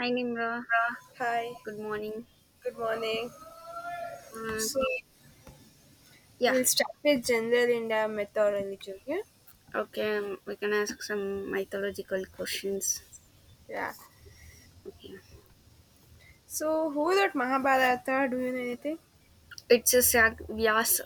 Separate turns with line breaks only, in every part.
Hi Nimra,
Hi,
good morning.
good morning.
Uh,
So,
yeah,
we'll start with general India mythology, okay?
okay, we can ask some mythological questions.
Yeah.
Okay,
So, who wrote Mahabharata? Do you know anything?
it's a Sag Vyasa,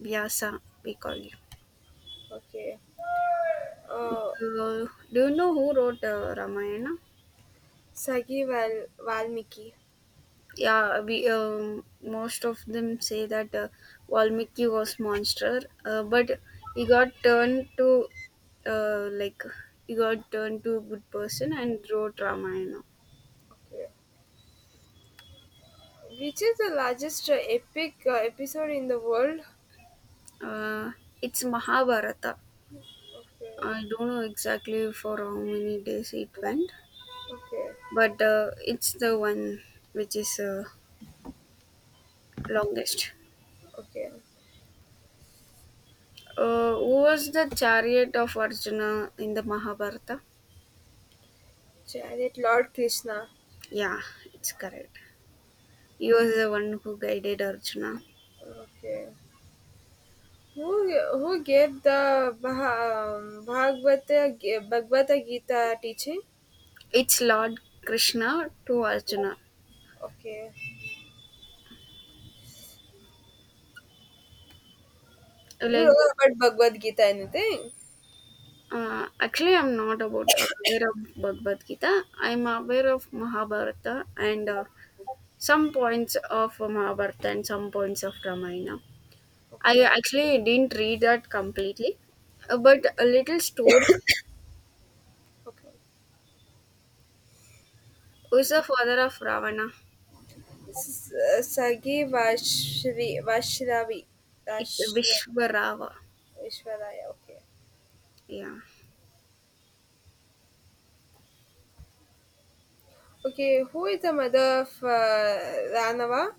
Vyasa we call you.
Okay. Uh,
Do you know who wrote Ramayana?
Sagi Valmiki.
Yeah, we most of them say that Valmiki was monster, but he got turned to uh, like he got turned to a good person and wrote Ramayana.
Okay. Which is the largest epic episode in the world?
Uh, it's Mahabharata.
Okay.
I don't know exactly for how many days it went,
Okay.
but it's the one which is longest.
Okay.
Who was the chariot of Arjuna in the Mahabharata?
Chariot Lord Krishna.
Yeah, it's correct. He was the one who guided Arjuna.
Okay. Who gave the Bhagavata Gita teaching?
It's Lord Krishna to Arjuna.
Okay. You don't
Like,
know about Bhagavad Gita, anything?
actually, I'm not about aware of Bhagavad Gita. I'm aware of Mahabharata and some points of Mahabharata and some points of Ramayana. I
Okay.
actually didn't read that completely, but a little story
Okay.
who's the father of Ravana.
Sagi Vashravi.
It's
Vashra,
Vishwarava.
Vishwaraya. Okay.
Yeah,
Okay. Who is the mother of Ranava?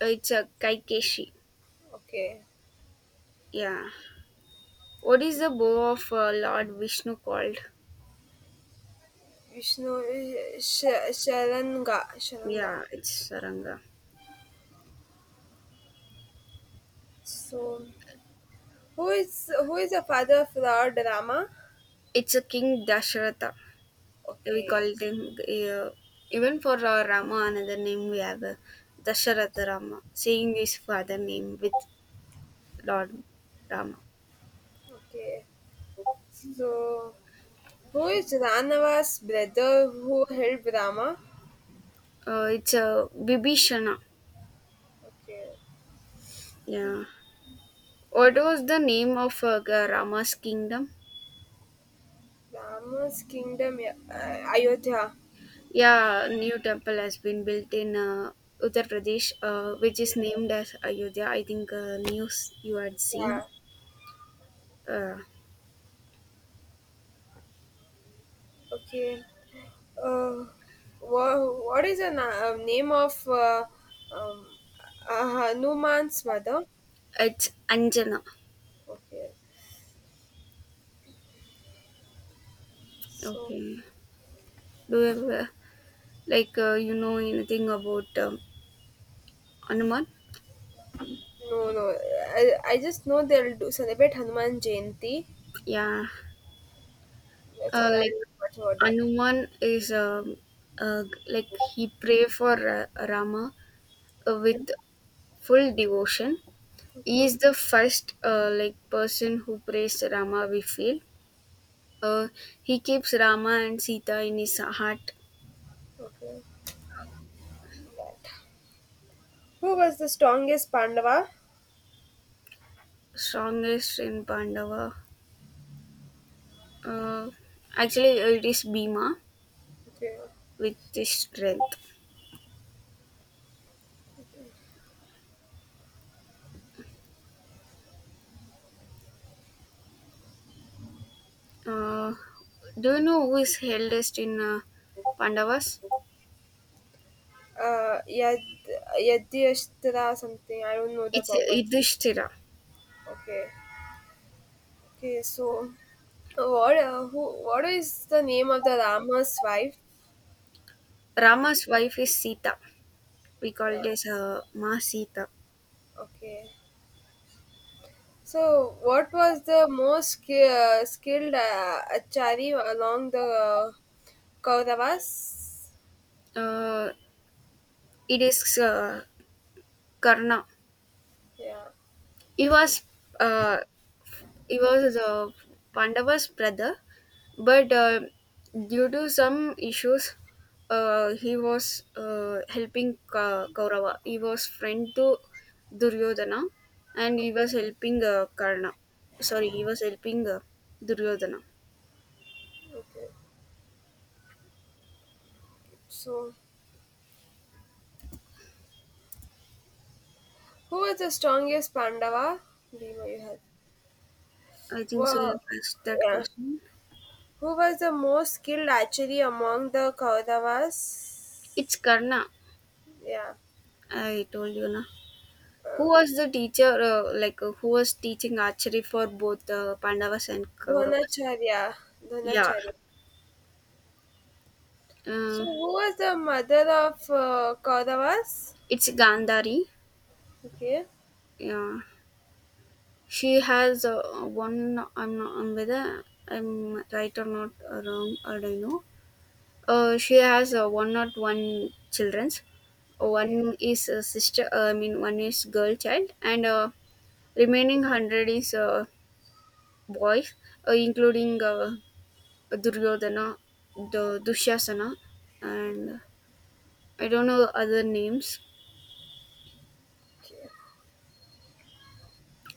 it's a Kaikeshi.
Okay.
Yeah. What is the bow of Lord Vishnu called?
Vishnu Sharanga. Sharanga.
Yeah, it's Saranga.
So, who is the father of Lord Rama?
It's a King Dasharatha. We call
Okay.
it him. Even for Rama, another name we have Dasharatha Rama, saying his father name with Lord Rama.
Okay. So, who is Ranava's brother who helped Rama?
It's a Bibhishana.
Okay,
Yeah. What was the name of Rama's kingdom?
Rama's kingdom, yeah, Ayodhya.
Yeah, new temple has been built in Uttar Pradesh, which is named as Ayodhya. I think news you had seen.
Yeah.
Uh,
Okay. Uh, what is the name of um, Hanuman's mother?
it's Anjana.
Okay. So
Okay. Do you ever, like you know anything about Hanuman?
no, no. I just know they'll do celebrate Hanuman Jayanti.
Yeah.
That's all I
Like
know about that.
Hanuman is like he pray for Rama with
Hmm.
full devotion. He
Okay.
is the first like person who praised Rama. We feel uh, he keeps Rama and Sita in his heart.
Okay. That. Who was the strongest Pandava?
Strongest in Pandava. Uh, Actually, it is Bhima
Okay.
with this strength. Uh, do you know who is eldest in Pandavas?
Uh, Yad, Yadyashtra something. I don't know the
It's
proper.
Yudhishthira.
Okay. Okay, so what is the name of the Rama's wife?
Rama's wife is Sita. We call
Yeah,
it as Ma Sita.
okay. So what was the most skilled achari along the Kauravas?
Uh, it is Karna.
Yeah.
He was uh, he was Pandava's brother, but due to some issues, he was helping Kaurava. He was friend to Duryodhana, and
Okay.
he was helping Karna. Sorry, he was helping Duryodhana.
Okay. So who was the strongest Pandava? Bhima you had.
I think so. You
Well,
asked that
yeah.
question.
Who was the most skilled archery among the
It's
Kauravas?
Karna.
Yeah,
I told you na. Who
um,
was the teacher? Like who was teaching archery for both Pandavas and Kauravas?
Dronacharya.
Yeah.
Dronacharya. So,
Uh,
who was the mother of Kauravas?
It's Gandhari.
Okay,
Yeah. She has one. I'm not, I'm whether I'm right or not wrong. I don't know. She has one not one childrens.
okay,
One is a sister. I mean, one is girl child, and remaining 100 is boys, including Duryodhana, the Dushasana, and I don't know other names.
okay.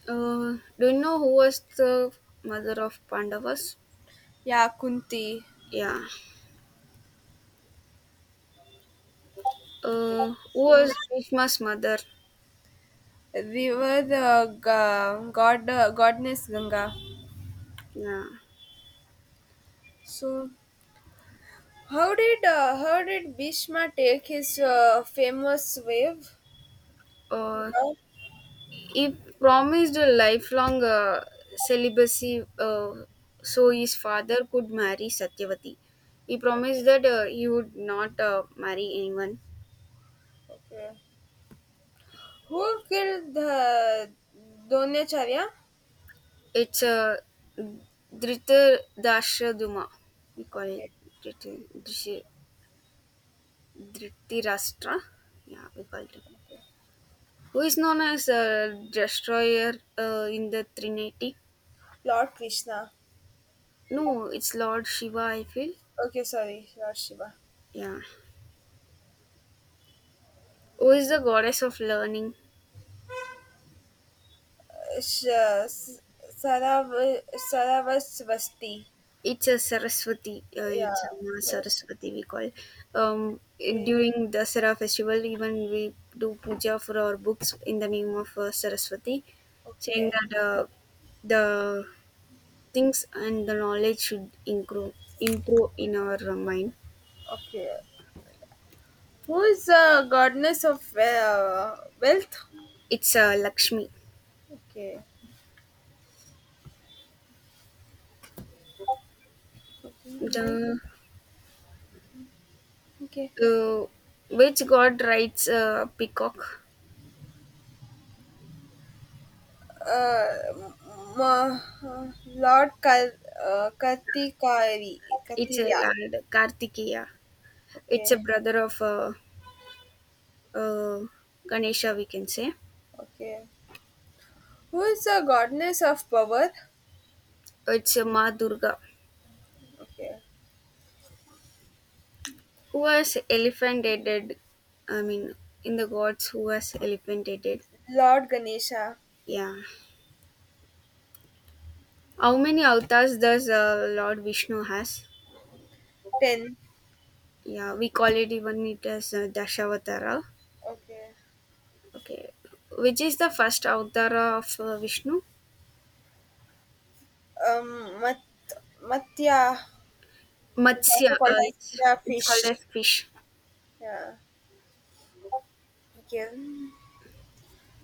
Do you know who was the mother of Pandavas?
Yeah, Kunti.
Yeah. Who
So,
was Bhishma's mother.
we were the goddess Ganga.
Yeah.
So, how did Bhishma take his famous wave?
Uh,
Yeah.
he promised a lifelong celibacy, so his father could marry Satyavati. He promised that he would not marry anyone.
Okay. Who killed the Dronacharya?
It's a Dhritarashtra. We call it
Okay,
Dhriti- Dhrishi- Dhritarashtra. Yeah, we call it. Who is known as Destroyer in the Trinity?
Lord Krishna.
No, it's Lord Shiva, I feel.
Okay, sorry, Lord Shiva.
Yeah. Who is the goddess of learning?
Sh- S- Sarav- Saravasvasti.
It's a Saraswati.
Yeah.
It's a Ma
Saraswati.
Saraswati we call.
Okay.
During the Sara festival, even we do puja for our books in the name of Saraswati, saying
Okay.
that the things and the knowledge should improve in our mind.
Okay. Who is the goddess of wealth?
It's Lakshmi.
Okay. Okay. Nice.
The
Okay.
uh, which god rides a peacock?
Uh, m- Lord Kartikari.
It's a
Kartirya.
lad Kartikeya. It's a
Okay.
brother of uh, Ganesha, we can say.
Okay. Who is the goddess of power?
It's a Ma Durga,
Okay.
who was elephantated. I mean, in the gods, who was elephantated.
Lord Ganesha.
Yeah. How many avatars does Lord Vishnu has?
10.
Yeah, we call it even it as Dashavatara.
Okay.
Okay. Which is the first avatar of Vishnu?
Um, Mat- Matya is
Matsya.
also
Uh,
called as,
it's,
yeah,
it's called
fish.
as fish.
Yeah. Okay.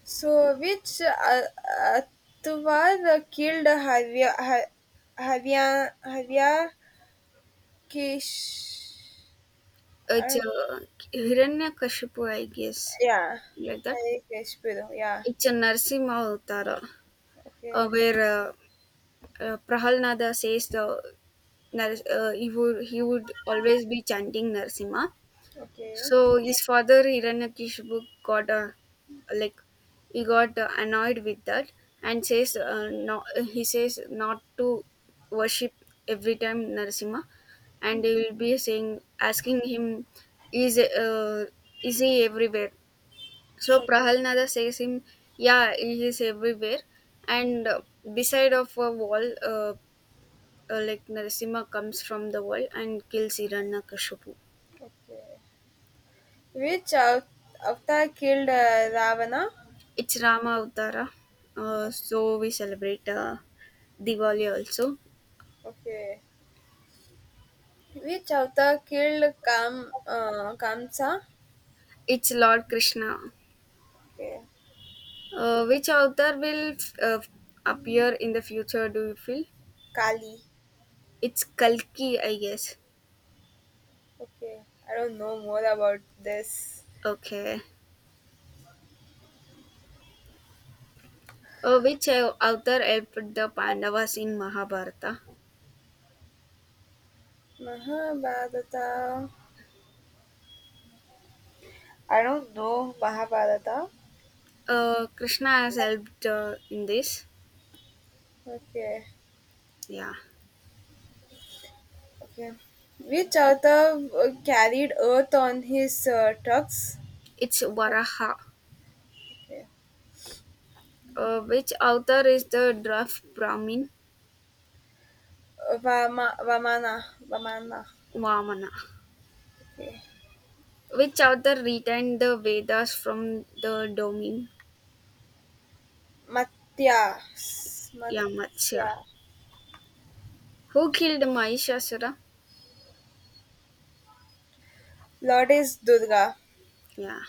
So, which Atvar killed Havya Kish? I
It's
don't-
Hiranyakashipu, I guess.
Yeah.
Like that.
Havya Kish, yeah.
It's a Narsimha Avatara.
Okay.
Where Prahalnada says he would always be chanting Narsimha.
Okay.
So his father Hiranyakishipu got a like he got annoyed with that and says no, he says not to worship every time Narasimha, and he will be saying asking him is uh, is he everywhere. So
Okay.
Prahalnada says him yeah, he is everywhere, and beside of a wall, like Narasimha comes from the world and kills Hiranyakashipu.
Okay. Which avatar killed Ravana?
It's Rama Avtara, so we celebrate Diwali also.
Okay. Which avatar killed Kamsa?
It's Lord Krishna.
Okay.
Which avatar will uh, appear in the future? Do you feel?
Kali.
It's Kalki, I guess.
Okay. I don't know more about this.
Okay. Which avatar helped the Pandavas in Mahabharata?
Mahabharata. I don't know Mahabharata.
Krishna has helped in this.
Okay.
Yeah.
Okay. Which avatar carried earth on his trucks?
It's Varaha.
Okay.
Which author is the Draft Brahmin
Vamana. Vamana.
Vamana?
Okay.
Which author retained the Vedas from the domain Yamatsya?
Matsya,
Who killed Mahishasura?
Goddess Durga,
Yeah.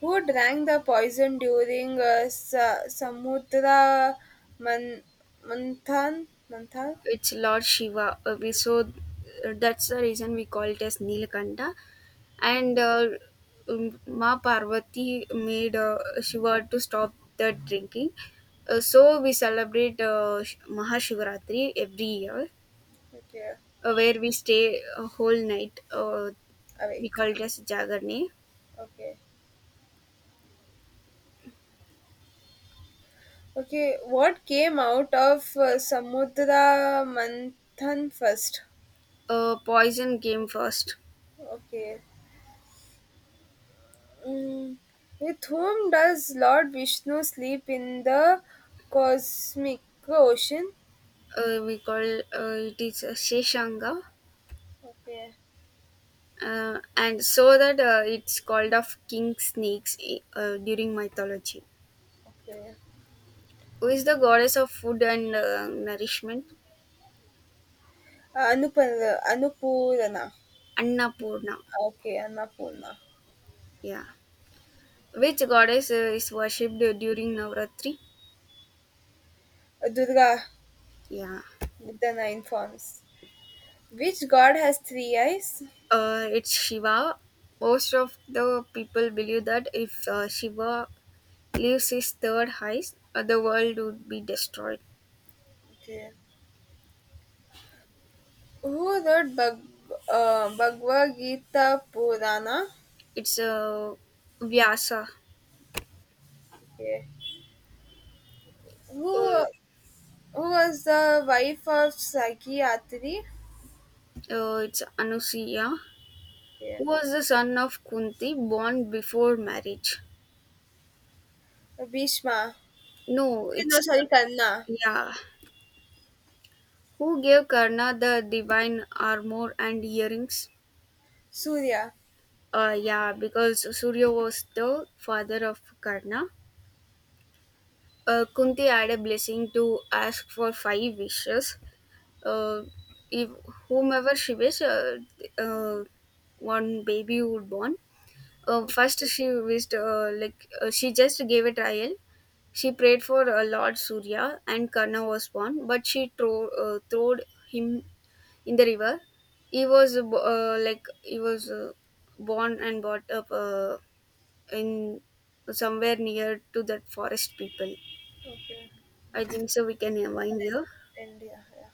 who drank the poison during Samudra Man- Manthan, Manthan.
Which Lord Shiva? We so that's the reason we call it as Nilkanta. And Ma Parvati made Shiva to stop the drinking. So we celebrate Mahashivratri every year,
Okay,
where we stay a whole night. We
awake,
call it as Jagarni.
okay, okay. What came out of Samudra Manthan first?
Poison came first.
Okay. Mm. With whom does Lord Vishnu sleep in the cosmic ocean?
We call it is a Sheshanga.
Okay,
And so that it's called of king snakes, during mythology.
okay.
Who is the goddess of food and nourishment?
Anupar Anupurna.
Annapurna.
Okay, Annapurna.
Yeah. Which goddess is worshipped during Navratri?
Durga,
Yeah.
then informs. Which god has three eyes?
It's Shiva. Most of the people believe that if Shiva leaves his third heist, the world would be destroyed.
Okay. Who wrote Bhagavad Gita Purana?
It's Vyasa.
Okay. Who,
Uh,
who was the wife of Sakyatri?
it's Anusuya, who
Okay.
was the son of Kunti, born before marriage.
Bhishma.
No, it's
No, sorry, Karna.
yeah. Who gave Karna the divine armor and earrings?
Surya.
Yeah, because Surya was the father of Karna. Kunti had a blessing to ask for five wishes, uh, if whomever she wished, uh, one baby would born. First, she wished she just gave a trial. She prayed for Lord Surya, and Karna was born. But she throwed him in the river. He was born and brought up in somewhere near to that forest people.
Okay.
I think so. We can wind here.
India, yeah.